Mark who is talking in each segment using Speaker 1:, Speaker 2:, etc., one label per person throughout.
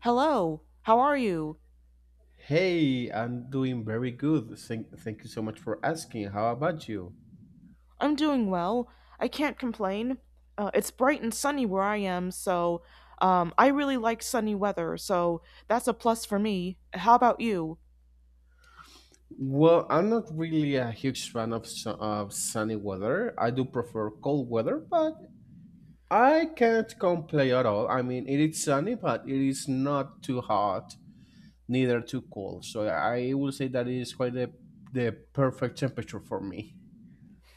Speaker 1: Hello, how are you?
Speaker 2: Hey, I'm doing very good. Thank you so much for asking. How about you?
Speaker 1: I'm doing well. I can't complain. It's bright and sunny where I am, so I really like sunny weather, so that's a plus for me. How about you?
Speaker 2: Well, I'm not really a huge fan of, of sunny weather. I do prefer cold weather, but I can't complain at all. I mean, it is sunny, but it is not too hot, neither too cold. So I will say that it is quite the perfect temperature for me.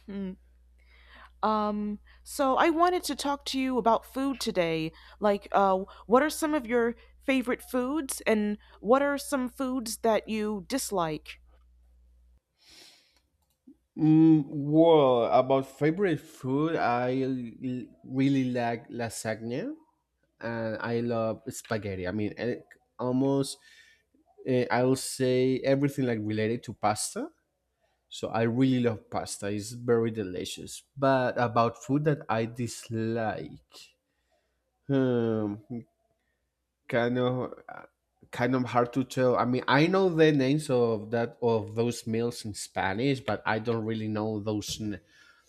Speaker 1: Hmm. So I wanted to talk to you about food today. Like, uh, what are some of your favorite foods, and what are some foods that you dislike?
Speaker 2: Mm, well, about favorite food, I really like lasagna. And I love spaghetti. I mean, almost I will say everything like related to pasta. So I really love pasta. It's very delicious. But about food that I dislike, hmm, kind of kind of hard to tell. I mean, I know the names of that of those meals in Spanish, but I don't really know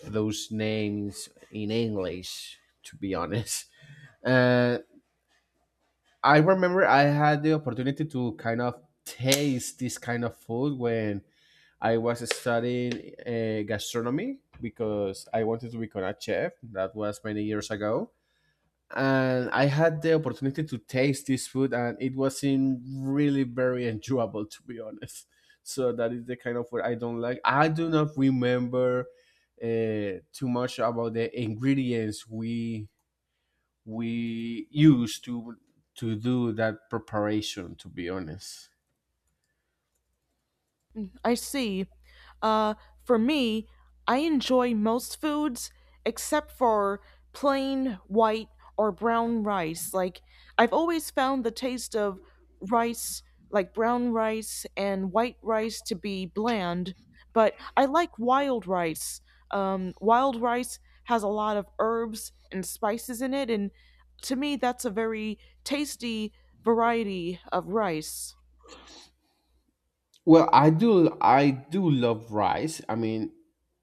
Speaker 2: those names in English. To be honest, uh, I remember I had the opportunity to kind of taste this kind of food when I was studying gastronomy because I wanted to become a chef. That was many years ago. And I had the opportunity to taste this food, and it wasn't really very enjoyable, to be honest. So, that is the kind of food I don't like. I do not remember uh, too much about the ingredients we use to do that preparation, to be honest.
Speaker 1: I see. Uh, for me, I enjoy most foods except for plain white or brown rice. Like, I've always found the taste of rice, like brown rice and white rice, to be bland, but I like wild rice. Wild rice has a lot of herbs and spices in it, and to me, that's a very tasty variety of rice.
Speaker 2: Well, I do love rice. I mean,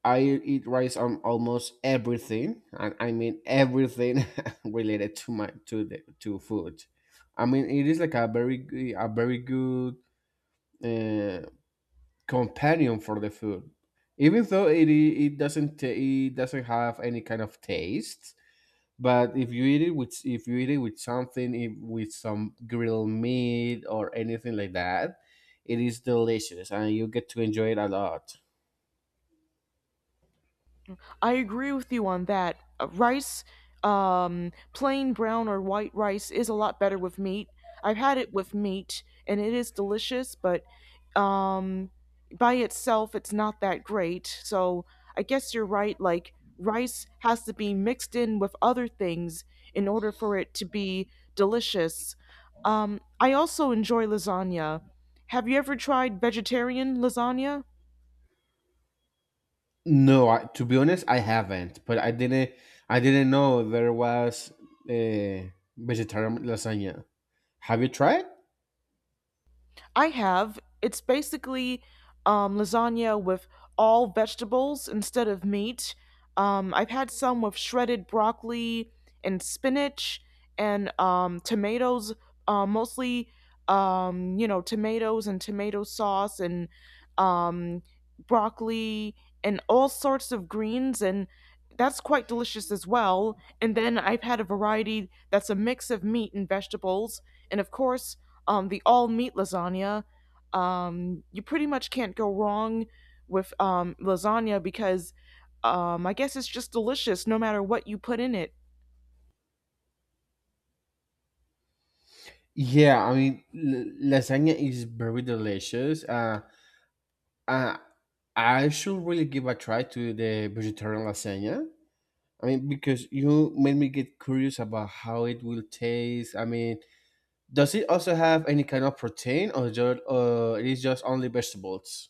Speaker 2: I eat rice on almost everything, and I mean everything related to my to the to food. I mean, it is like a a very good uh, companion for the food, even though it doesn't ta- it doesn't have any kind of taste. But if you eat it with if you eat it with something if, with some grilled meat or anything like that, it is delicious and you get to enjoy it a lot.
Speaker 1: I agree with you on that. Rice, plain brown or white rice is a lot better with meat. I've had it with meat and it is delicious, but um, by itself, it's not that great. So I guess you're right. Like, rice has to be mixed in with other things in order for it to be delicious. I also enjoy lasagna. Have you ever tried vegetarian lasagna?
Speaker 2: No, I, to be honest, I haven't, but I didn't know there was a vegetarian lasagna. Have you tried?
Speaker 1: I have. It's basically lasagna with all vegetables instead of meat. I've had some with shredded broccoli and spinach and tomatoes, mostly, tomatoes and tomato sauce and um, broccoli and all sorts of greens. And that's quite delicious as well. And then I've had a variety that's a mix of meat and vegetables. And of course, the all meat lasagna. You pretty much can't go wrong with lasagna because I guess it's just delicious no matter what you put in it.
Speaker 2: Yeah, I mean lasagna is very delicious. Uh, I should really give a try to the vegetarian lasagna. I mean, because you made me get curious about how it will taste. I mean, does it also have any kind of protein, or just it is just only vegetables?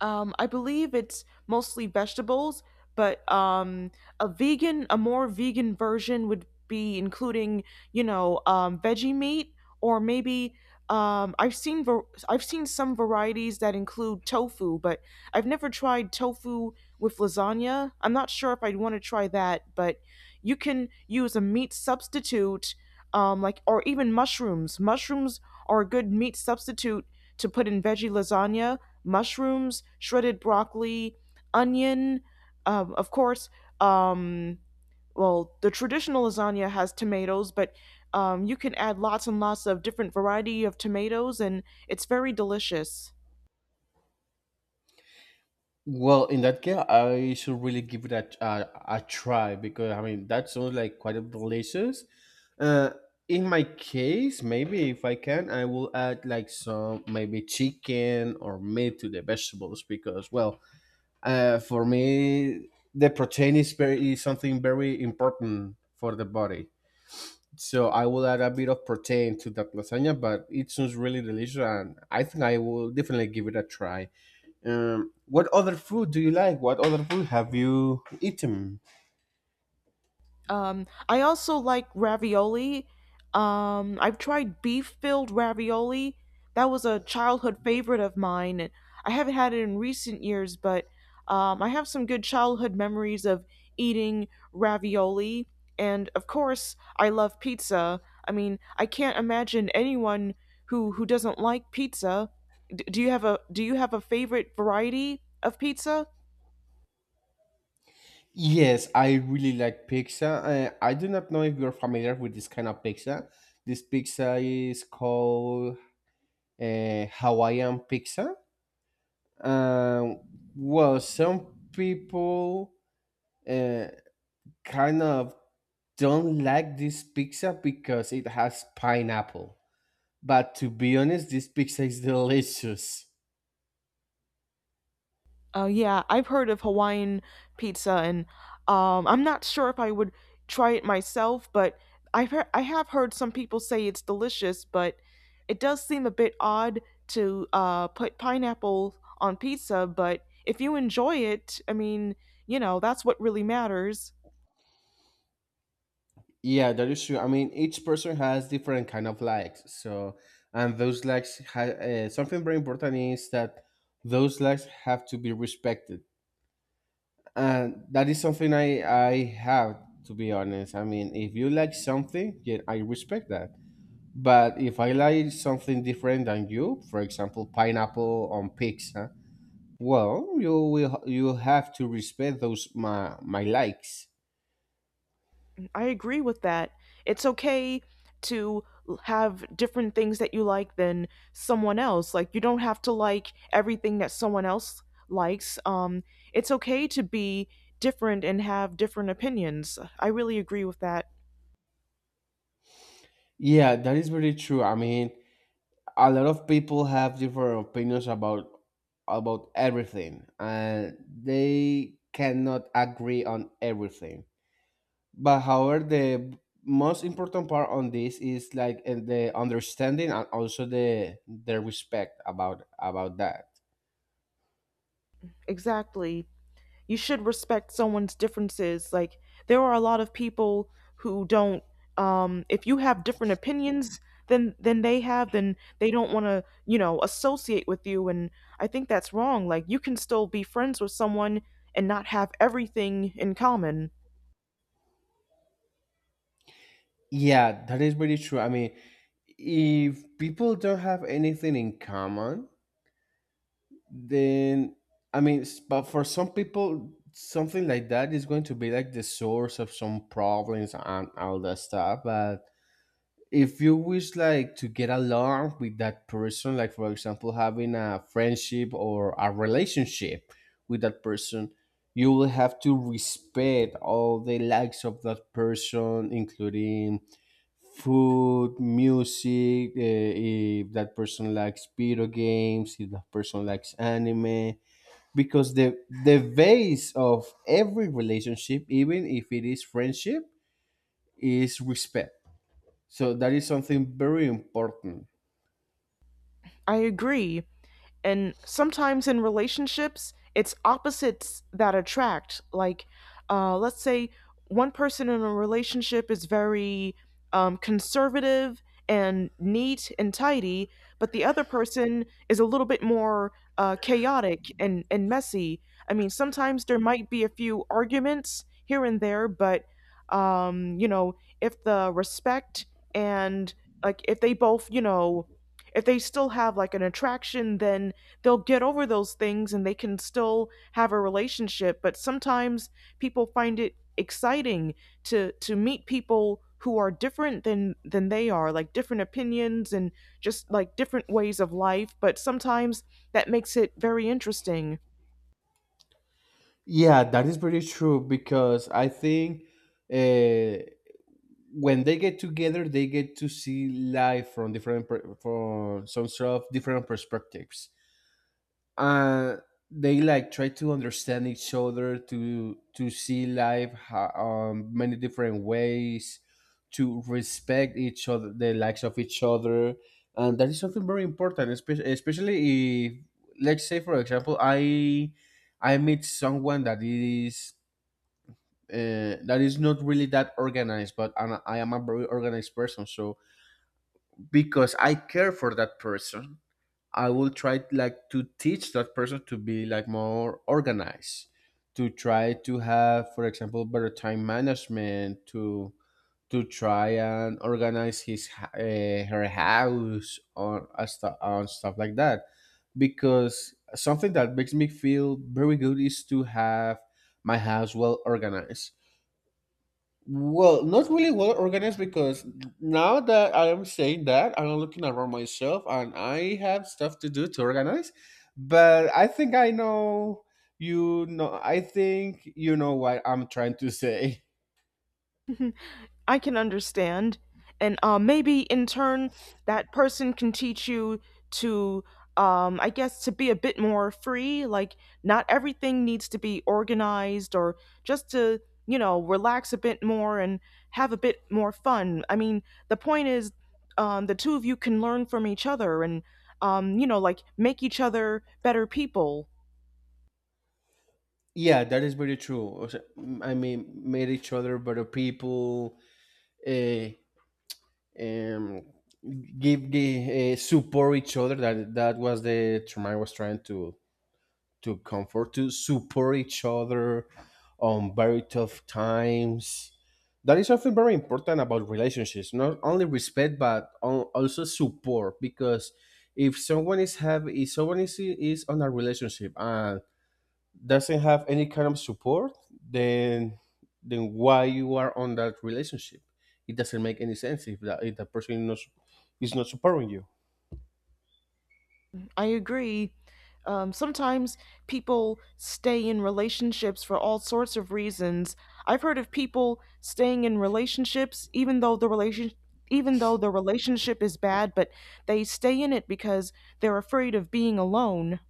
Speaker 1: I believe it's mostly vegetables, but a vegan, a more vegan version would be including, you know, veggie meat, or maybe I've seen some varieties that include tofu, but I've never tried tofu with lasagna. I'm not sure if I'd want to try that, but you can use a meat substitute, like or even mushrooms. Mushrooms are a good meat substitute to put in veggie lasagna mushrooms, shredded broccoli, onion, of course. Um, well, the traditional lasagna has tomatoes, but you can add lots and lots of different variety of tomatoes, and it's very delicious.
Speaker 2: Well, in that case, I should really give it a try, because I mean that sounds like quite delicious. Uh, in my case, maybe if I can, I will add like some maybe chicken or meat to the vegetables, because well, for me, the protein is something very important for the body. So I will add a bit of protein to that lasagna, but it sounds really delicious, and I think I will definitely give it a try. What other food do you like? What other food have you eaten?
Speaker 1: I also like ravioli. I've tried beef filled ravioli. That was a childhood favorite of mine. And I haven't had it in recent years, but I have some good childhood memories of eating ravioli. And of course, I love pizza. I mean, I can't imagine anyone who doesn't like pizza. Do you have a favorite variety of pizza?
Speaker 2: Yes, I really like pizza. I do not know if you're familiar with this kind of pizza. This pizza is called Hawaiian pizza. Um, well, some people uh, kind of don't like this pizza because it has pineapple. But to be honest, this pizza is delicious.
Speaker 1: Yeah, I've heard of Hawaiian pizza, and I'm not sure if I would try it myself, but I have heard some people say it's delicious, but it does seem a bit odd to put pineapple on pizza. But if you enjoy it, I mean, you know, that's what really matters.
Speaker 2: Yeah, that is true. I mean, each person has different kind of likes. So, and those likes, something very important is that those likes have to be respected, and that is something I have to be honest. I mean, if you like something, yeah, I respect that. But if I like something different than you, for example, pineapple on pizza, well, you have to respect those my likes.
Speaker 1: I agree with that. It's okay to have different things that you like than someone else. Like, you don't have to like everything that someone else likes. It's okay to be different and have different opinions. I really agree with that.
Speaker 2: Yeah, that is very true. I mean, a lot of people have different opinions about everything, and they cannot agree on everything. But however, the most important part on this is like and the understanding and also the respect about that.
Speaker 1: Exactly. You should respect someone's differences. Like, there are a lot of people who don't, if you have different opinions than they have, then they don't want to, you know, associate with you, and I think that's wrong. Like, you can still be friends with someone and not have everything in common.
Speaker 2: Yeah, that is very true. I mean, if people don't have anything in common, then I mean, but for some people, something like that is going to be like the source of some problems and all that stuff. But if you wish like to get along with that person, like for example having a friendship or a relationship with that person, you will have to respect all the likes of that person, including food, music, if that person likes video games, if that person likes anime, because the base of every relationship, even if it is friendship, is respect. So that is something very important.
Speaker 1: I agree. And sometimes in relationships, it's opposites that attract. Let's say one person in a relationship is very conservative and neat and tidy, but the other person is a little bit more chaotic and messy. I mean, sometimes there might be a few arguments here and there, but you know, if the respect and, like, if they both, you know, if they still have like an attraction, then they'll get over those things and they can still have a relationship. But sometimes people find it exciting to meet people who are different than they are, like different opinions and just like different ways of life, but sometimes that makes it very interesting.
Speaker 2: Yeah, that is very true, because I think uh, when they get together, they get to see life from from some sort of different perspectives. And they like try to understand each other to see life many different ways, to respect each other, the likes of each other, and that is something very important, especially if let's say for example I meet someone that is not really that organized, but I am a very organized person. So because I care for that person, I will try like to teach that person to be like more organized, to try to have, for example, better time management, to try and organize her house or and stuff like that. Because something that makes me feel very good is to have my house well organized. Well, not really well organized because now that I am saying that, I'm looking around myself and I have stuff to do to organize. But I think I know, you know, I think you know what I'm trying to say.
Speaker 1: I can understand. And maybe in turn, that person can teach you to, I guess, to be a bit more free. Like, not everything needs to be organized, or just to, you know, relax a bit more and have a bit more fun. I mean, the point is, the two of you can learn from each other and, you know, like, make each other better people.
Speaker 2: Yeah, that is very true. Also, mm, I mean, made each other better people, uh, um, give the support each other. That was the term I was trying to comfort to support each other on very tough times. That is something very important about relationships, not only respect but also support, because if someone is have if someone is on a relationship and doesn't have any kind of support, then why you are on that relationship? It doesn't make any sense if that if the person is not supporting you.
Speaker 1: I agree. Sometimes people stay in relationships for all sorts of reasons. I've heard of people staying in relationships even though the relationship is bad, but they stay in it because they're afraid of being alone.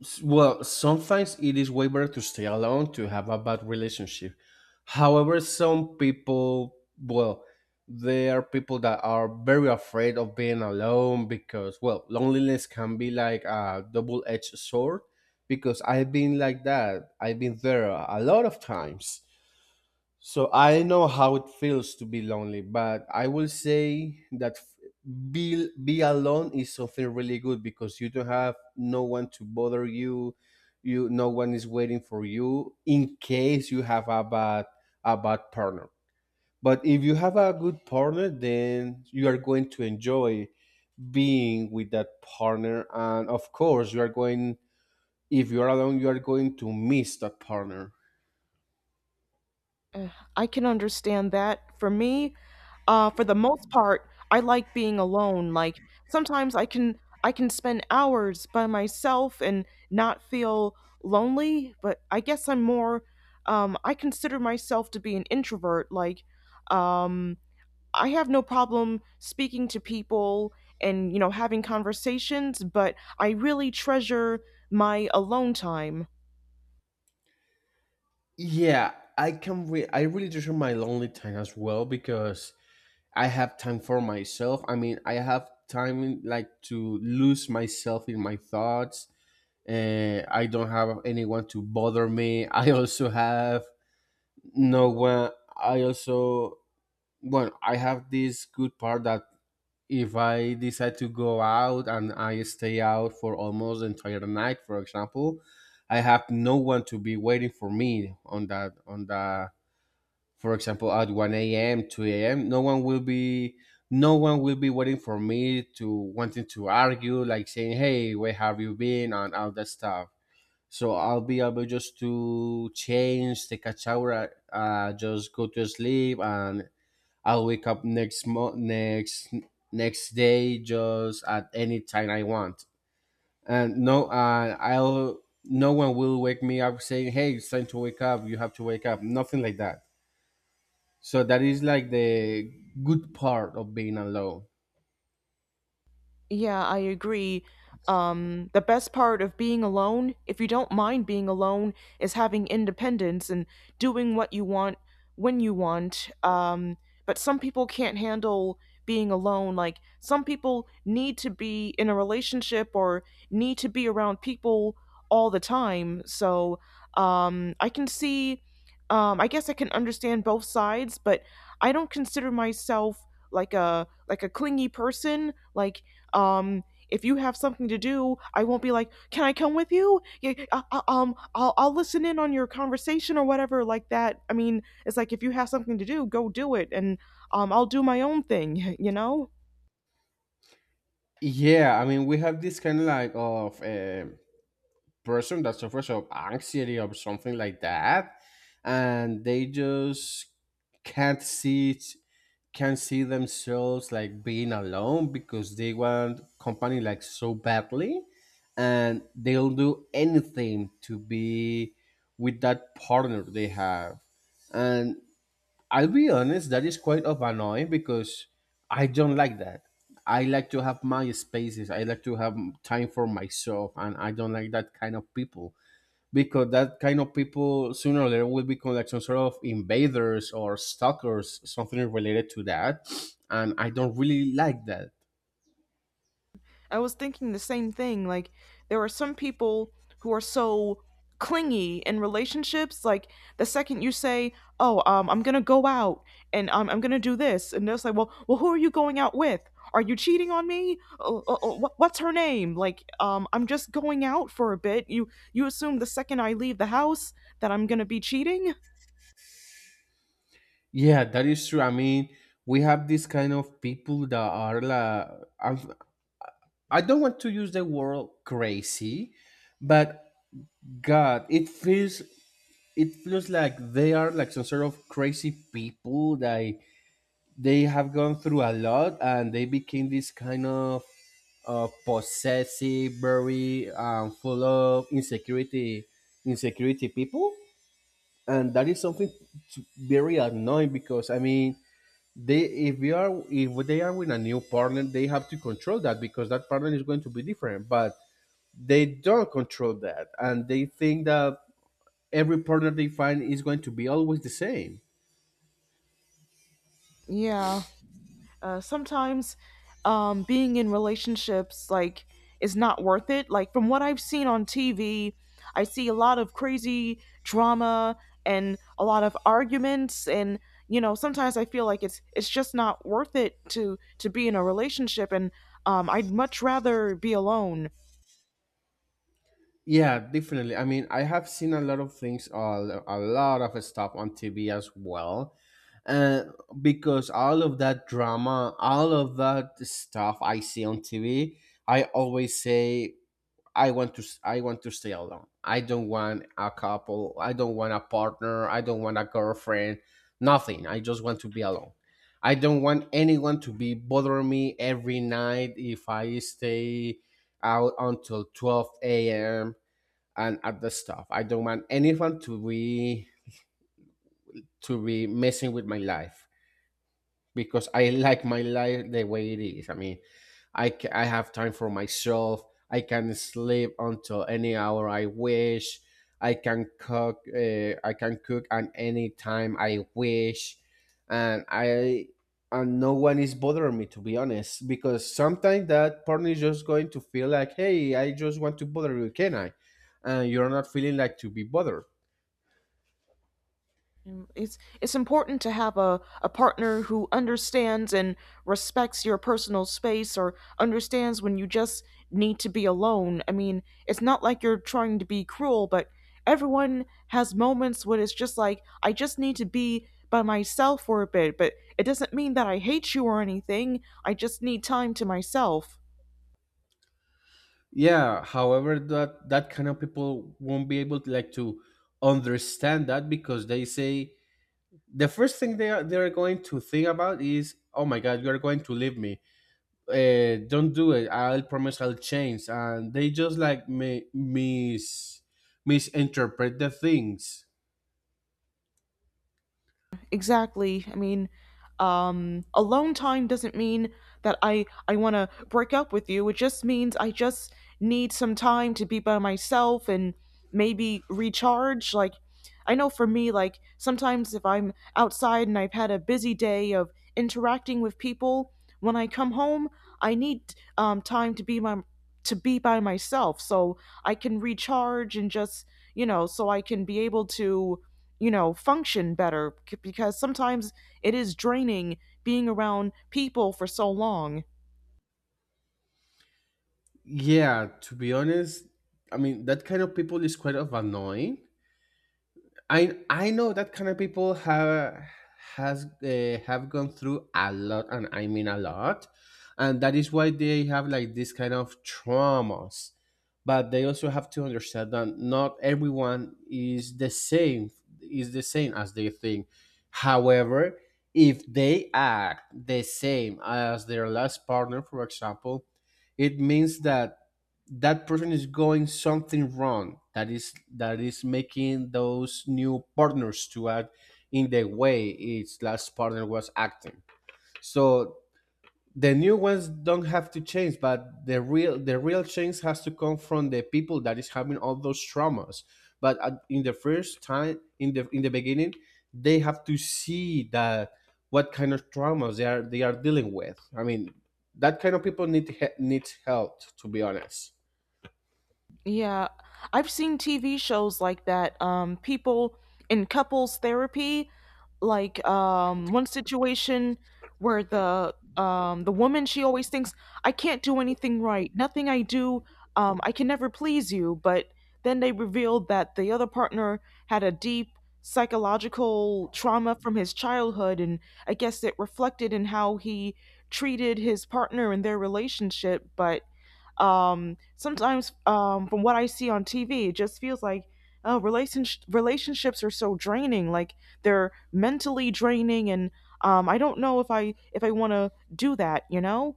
Speaker 2: Well, sometimes it is way better to stay alone to have a bad relationship. However, some people, well, there are people that are very afraid of being alone because, well, loneliness can be like a double edged sword. Because I've been like that, I've been there a lot of times. So I know how it feels to be lonely, but I will say that be alone is something really good because you don't have no one to bother you. No one is waiting for you in case you have a bad partner. But if you have a good partner, then you are going to enjoy being with that partner, and of course, you are going. If you are alone, you are going to miss that partner.
Speaker 1: Uh, I can understand that. For me, for the most part, I like being alone. Like, sometimes I can spend hours by myself and not feel lonely. But I guess I'm more. I consider myself to be an introvert. Um, I have no problem speaking to people and, you know, having conversations, but I really treasure my alone time.
Speaker 2: Yeah, I really treasure my lonely time as well because I have time for myself. I mean, I have time like to lose myself in my thoughts. I don't have anyone to bother me. I also have no one. I also, well, I have this good part that if I decide to go out and I stay out for almost the entire night, for example, I have no one to be waiting for me on that for example at 1 a.m., 2 a.m., no one will be waiting for me to wanting to argue, like saying, "Hey, where have you been?" and all that stuff. So I'll be able just to change, take a shower, just go to sleep, and I'll wake up next mo- next next day just at any time I want. And no, I'll no one will wake me up saying, "Hey, it's time to wake up, you have to wake up," nothing like that. So that is like the good part of being alone.
Speaker 1: Yeah, I agree. The best part of being alone, if you don't mind being alone, is having independence and doing what you want when you want. But some people can't handle being alone. Like, some people need to be in a relationship or need to be around people all the time. So, I can see, I guess I can understand both sides, but I don't consider myself like a clingy person, like, um, if you have something to do, I won't be like, "Can I come with you?" Yeah, I'll listen in on your conversation or whatever like that. I mean, it's like, if you have something to do, go do it, and I'll do my own thing. You know.
Speaker 2: Yeah, I mean we have this kind of a person that suffers of anxiety or something like that, and they just can't see it, can't see themselves like being alone because they want company like so badly, and they'll do anything to be with that partner they have. And I'll be honest, that is quite of annoying because I don't like that. I like to have my spaces. I like to have time for myself, and I don't like that kind of people, because that kind of people sooner or later will become like some sort of invaders or stalkers, something related to that, and I don't really like that.
Speaker 1: I was thinking the same thing. Like, there are some people who are so clingy in relationships. Like, the second you say, "Oh, I'm gonna go out and I'm gonna do this," and they're like, "Well, who are you going out with? Are you cheating on me? What's her name?" Like, I'm just going out for a bit. You assume the second I leave the house that I'm gonna be cheating?
Speaker 2: Yeah, that is true. I mean, we have this kind of people that are like, I'm- I don't want to use the word crazy, but God, it feels like they are like some sort of crazy people that they have gone through a lot and they became this kind of possessive, very full of insecurity people. And that is something very annoying, because I mean, they if you are if they are with a new partner, they have to control that because that partner is going to be different, but they don't control that and they think that every product they find is going to be always the same.
Speaker 1: Yeah." Sometimes being in relationships, like, is not worth it. Like, from what I've seen on TV, I see a lot of crazy drama and a lot of arguments, and, you know, sometimes I feel like it's just not worth it to be in a relationship, and I'd much rather be alone.
Speaker 2: Yeah, definitely. I mean, I have seen a lot of things, a lot of stuff on TV as well. Uh, because all of that drama, all of that stuff I see on TV, I always say I want to stay alone. I don't want a couple. I don't want a partner. I don't want a girlfriend. Nothing. I just want to be alone. I don't want anyone to be bothering me every night if I stay out until 12 a.m. and other stuff. I don't want anyone to be messing with my life because I like my life the way it is. I mean, I have time for myself. I can sleep until any hour I wish. I can cook. I can cook at any time I wish, and I and no one is bothering me, to be honest. Because sometimes that partner is just going to feel like, hey, I just want to bother you, can I? And you're not feeling like to be bothered.
Speaker 1: It's important to have a partner who understands and respects your personal space, or understands when you just need to be alone. I mean, it's not like you're trying to be cruel, but everyone has moments when it's just like, I just need to be by myself for a bit, but it doesn't mean that I hate you or anything. I just need time to myself.
Speaker 2: Yeah, however, that kind of people won't be able to like to understand that, because they say the first thing they're going to think about is, oh my God, you're going to leave me, don't do it, I'll promise I'll change. And they just like misinterpret the things.
Speaker 1: Exactly. I mean, alone time doesn't mean that I want to break up with you. It just means I just need some time to be by myself and maybe recharge. Like, I know for me, like, sometimes if I'm outside and I've had a busy day of interacting with people, when I come home, I need time to be by myself so I can recharge and just, you know, so I can be able to, you know, function better because sometimes it is draining being around people for so long.
Speaker 2: Yeah, to be honest, I mean that kind of people is quite of annoying. I know that kind of people have gone through a lot, and I mean a lot, and that is why they have like this kind of traumas. But they also have to understand that not everyone is the same as they think. However, if they act the same as their last partner, for example, it means that that person is going something wrong that is making those new partners to act in the way its last partner was acting. So the new ones don't have to change, but the real change has to come from the people that is having all those traumas. But at, in the first time in the beginning they have to see that what kind of traumas they are dealing with. I mean, that kind of people needs help, to be honest.
Speaker 1: Yeah, I've seen TV shows like that. People in couples therapy, like, one situation where the woman, she always thinks, I can't do anything right, nothing I do, I can never please you. But then they revealed that the other partner had a deep psychological trauma from his childhood, and I guess it reflected in how he treated his partner in their relationship. But sometimes, from what I see on TV, it just feels like, oh, relationships are so draining, like, they're mentally draining, and I don't know if I want to do that, you know?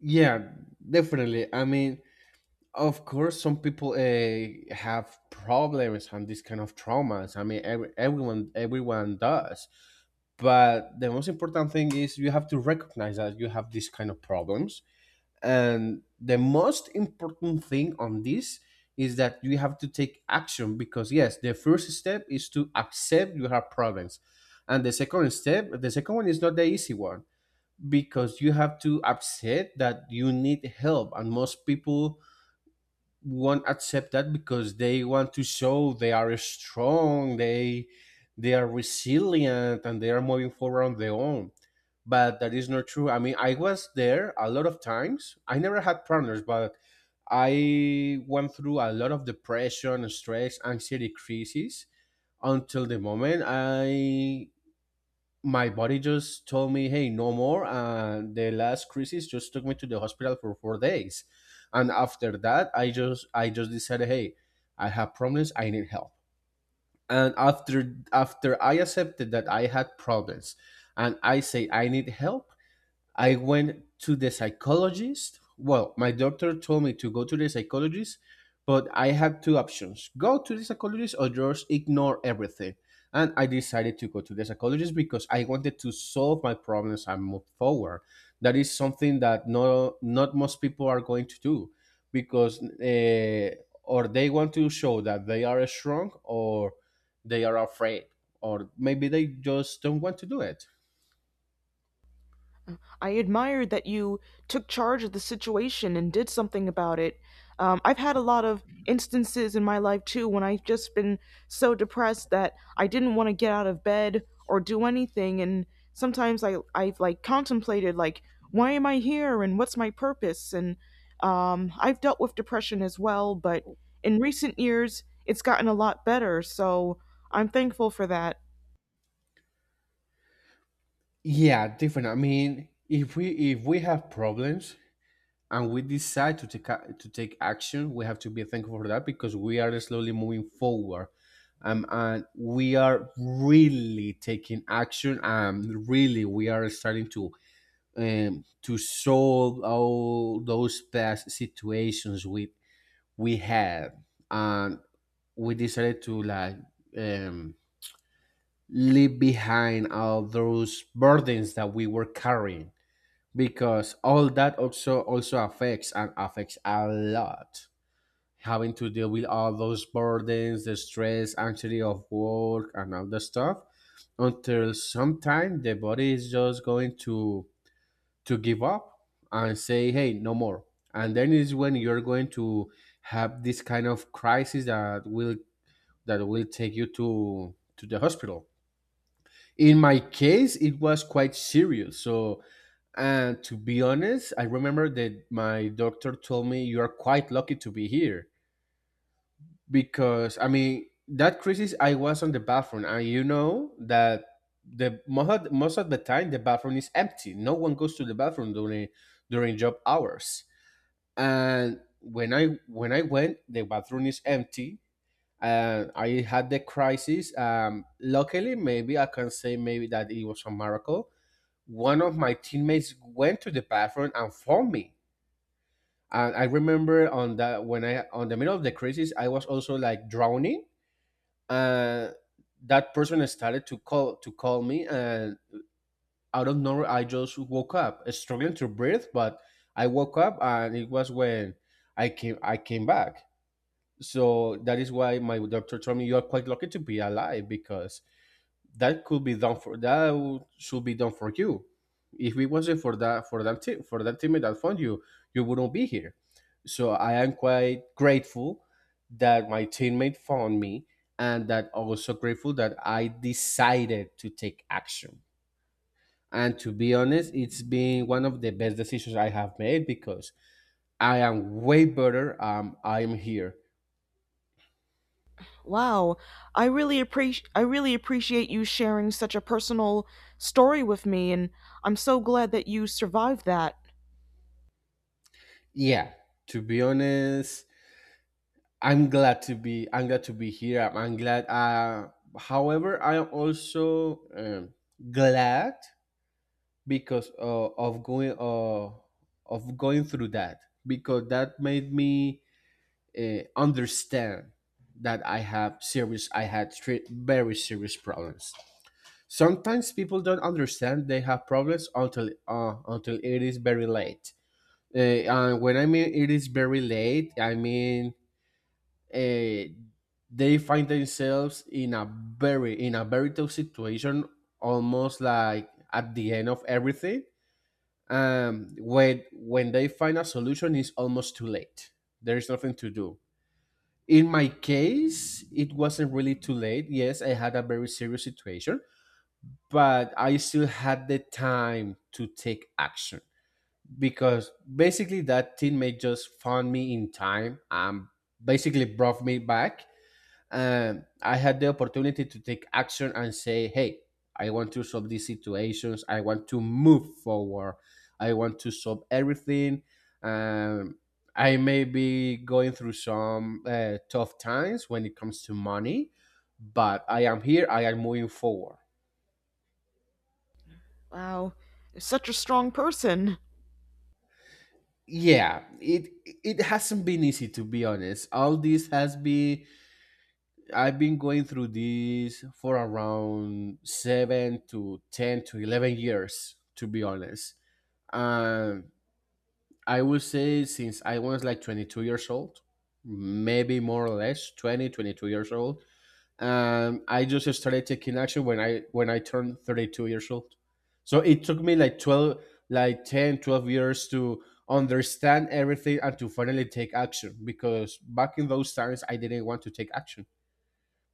Speaker 2: Yeah, definitely. I mean, of course, some people have problems and these kind of traumas. I mean, everyone does. But the most important thing is you have to recognize that you have these kind of problems. And the most important thing on this is that you have to take action, because yes, the first step is to accept you have problems. And the second step, the second one is not the easy one, because you have to accept that you need help, and most people won't accept that because they want to show they are strong, they are resilient and they are moving forward on their own. But that is not true. I mean, I was there a lot of times. I never had partners, but I went through a lot of depression, stress, anxiety crises until the moment I my body just told me, "Hey, no more." And the last crisis just took me to the hospital for 4 days, and after that, I just decided, "Hey, I have problems. I need help." And after I accepted that I had problems, and I say I need help, I went to the psychologist. Well, my doctor told me to go to the psychologist, but I had two options: go to the psychologist or just ignore everything. And I decided to go to the psychologist because I wanted to solve my problems and move forward. That is something that no, not most people are going to do, because or they want to show that they are strong, or they are afraid, or maybe they just don't want to do it.
Speaker 1: I admired that you took charge of the situation and did something about it. I've had a lot of instances in my life too when I've just been so depressed that I didn't want to get out of bed or do anything. And sometimes I've like contemplated, like, why am I here and what's my purpose? And I've dealt with depression as well, but in recent years, it's gotten a lot better. So I'm thankful for that.
Speaker 2: Yeah, different. I mean, if we have problems and we decide to to take action, we have to be thankful for that, because we are slowly moving forward, and we are really taking action. And really, we are starting to solve all those past situations we had, and we decided to like um leave behind all those burdens that we were carrying, because all that also affects, and affects a lot, having to deal with all those burdens, the stress, anxiety of work and all the stuff, until sometime the body is just going to give up and say, hey, no more. And then is when you're going to have this kind of crisis that will take you to the hospital. In my case, it was quite serious. So, and to be honest, I remember that my doctor told me, you are quite lucky to be here. Because I mean, that crisis, I was on the bathroom, and you know that most of the time the bathroom is empty, no one goes to the bathroom during job hours. And when I went, the bathroom is empty. And I had the crisis. Luckily, maybe I can say maybe that it was a miracle, one of my teammates went to the bathroom and found me. And I remember on that when I on the middle of the crisis, I was also like drowning. Uh, that person started to call me, and out of nowhere, I just woke up, struggling to breathe. But I woke up, and it was when I came back. So that is why my doctor told me, you are quite lucky to be alive, because that could be done for should be done for you. If it wasn't for that team for that teammate that found you, you wouldn't be here. So I am quite grateful that my teammate found me, and that also grateful that I decided to take action. And to be honest, it's been one of the best decisions I have made, because I am way better. I am here.
Speaker 1: Wow. I really appreciate you sharing such a personal story with me, and I'm so glad that you survived that.
Speaker 2: Yeah, to be honest, I'm glad to be here. I'm glad. However, I am also glad because of going, of going through that, because that made me understand that I have serious I had tre- very serious problems. Sometimes people don't understand they have problems until it is very late. Uh, and when I mean it is very late, I mean uh, they find themselves in a very tough situation, almost like at the end of everything. When they find a solution, it's almost too late. There is nothing to do. In my case, it wasn't really too late. Yes, I had a very serious situation, but I still had the time to take action, because basically that teammate just found me in time and basically brought me back. I had the opportunity to take action and say, hey, I want to solve these situations. I want to move forward. I want to solve everything. Um, I may be going through some tough times when it comes to money, but I am here. I am moving forward.
Speaker 1: Wow. You're such a strong person.
Speaker 2: Yeah, it hasn't been easy, to be honest. All this has been I've been going through this for around 7 to 10 to 11 years, to be honest. And I will say since I was like 22 years old, maybe more or less 22 years old. I just started taking action when I turned 32 years old. So it took me like like 10, 12 years to understand everything and to finally take action, because back in those times I didn't want to take action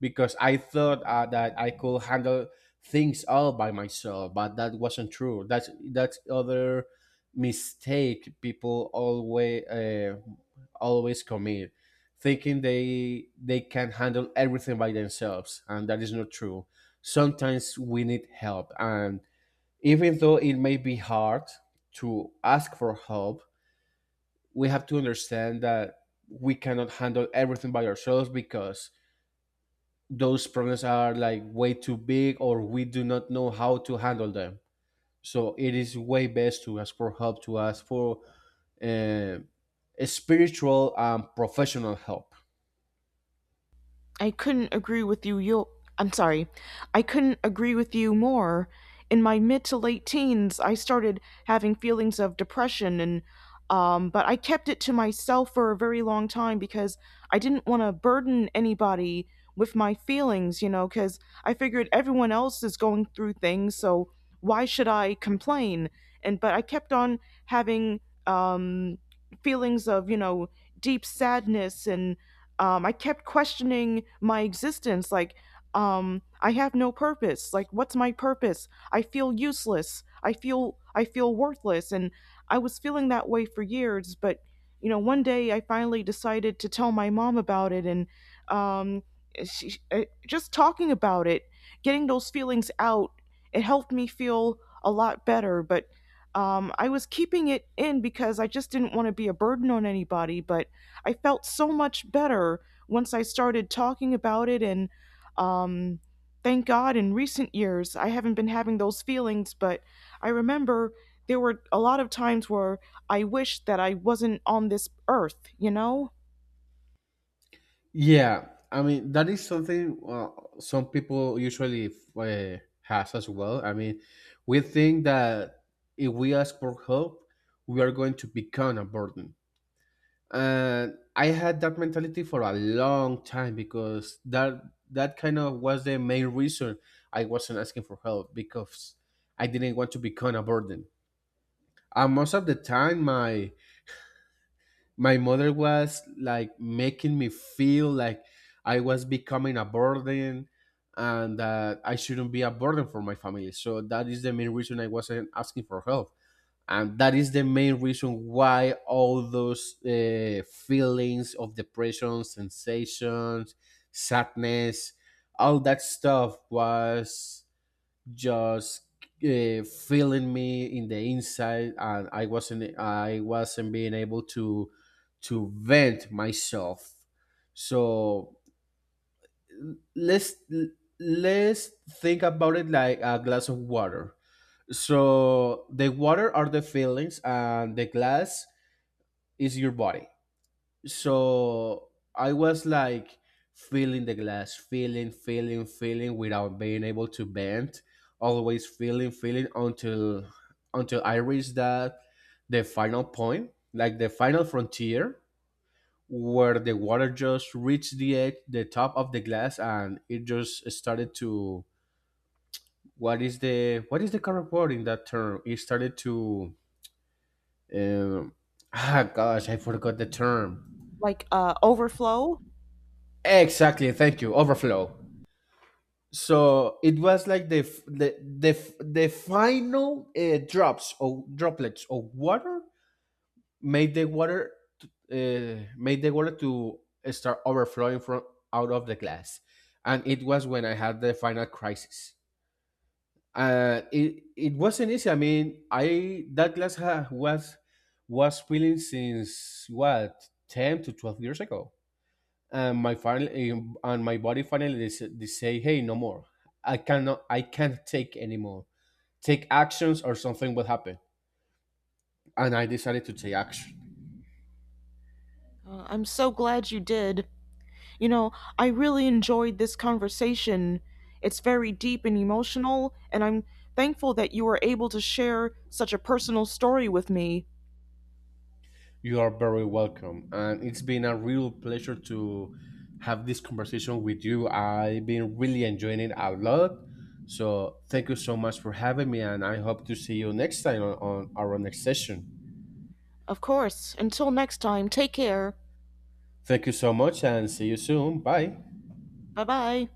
Speaker 2: because I thought that I could handle things all by myself, but that wasn't true. That's other mistake people always always commit, thinking they can handle everything by themselves, and that is not true. Sometimes we need help, and even though it may be hard to ask for help, we have to understand that we cannot handle everything by ourselves, because those problems are like way too big or we do not know how to handle them. So it is way best to ask for help, to ask for uh, a spiritual and professional help.
Speaker 1: I couldn't agree with you. Yo, I'm sorry. I couldn't agree with you more. In my mid to late teens, I started having feelings of depression and, but I kept it to myself for a very long time because I didn't want to burden anybody with my feelings, you know, cuz I figured everyone else is going through things, so why should I complain? And but I kept on having um feelings of, you know, deep sadness and, I kept questioning my existence. I have no purpose. Like, what's my purpose? I feel useless. I feel worthless. And I was feeling that way for years. But, you know, one day I finally decided to tell my mom about it, and um, just talking about it, getting those feelings out, it helped me feel a lot better. But I was keeping it in because I just didn't want to be a burden on anybody. But I felt so much better once I started talking about it. And um, thank God, in recent years, I haven't been having those feelings, but I remember there were a lot of times where I wished that I wasn't on this earth, you know?
Speaker 2: Yeah, I mean, that is something some people usually has as well. I mean, we think that if we ask for help, we are going to become a burden. And I had that mentality for a long time, because that kind of was the main reason I wasn't asking for help, because I didn't want to become a burden. And most of the time, my mother was like making me feel like I was becoming a burden and that I shouldn't be a burden for my family. So that is the main reason I wasn't asking for help, and that is the main reason why all those feelings of depression, sensations, sadness, all that stuff was just filling me in the inside, and I wasn't being able to vent myself. So, let's let's think about it like a glass of water. So the water are the feelings and the glass is your body. So I was like feeling the glass, feeling, feeling, feeling without being able to bend, always feeling, feeling until I reached that the final point, like the final frontier where the water just reached the edge, the top of the glass, and it just started to, what is the correct word in that term? It started to um, ah gosh, I forgot the term.
Speaker 1: Overflow.
Speaker 2: Exactly, thank you. Overflow. So it was like the, f- the final drops or droplets of water made the water, made the water to start overflowing from out of the glass. And it was when I had the final crisis. It wasn't easy. I mean, I that glass was filling since what, 10 to 12 years ago. And my body finally they say, hey, no more. I can't take anymore. Take actions or something will happen. And I decided to take action.
Speaker 1: I'm so glad you did. You know, I really enjoyed this conversation. It's very deep and emotional, and I'm thankful that you were able to share such a personal story with me.
Speaker 2: You are very welcome, and it's been a real pleasure to have this conversation with you. I've been really enjoying it a lot. So thank you so much for having me, and I hope to see you next time on, our next session.
Speaker 1: Of course. Until next time, take care.
Speaker 2: Thank you so much, and see you soon. Bye.
Speaker 1: Bye bye.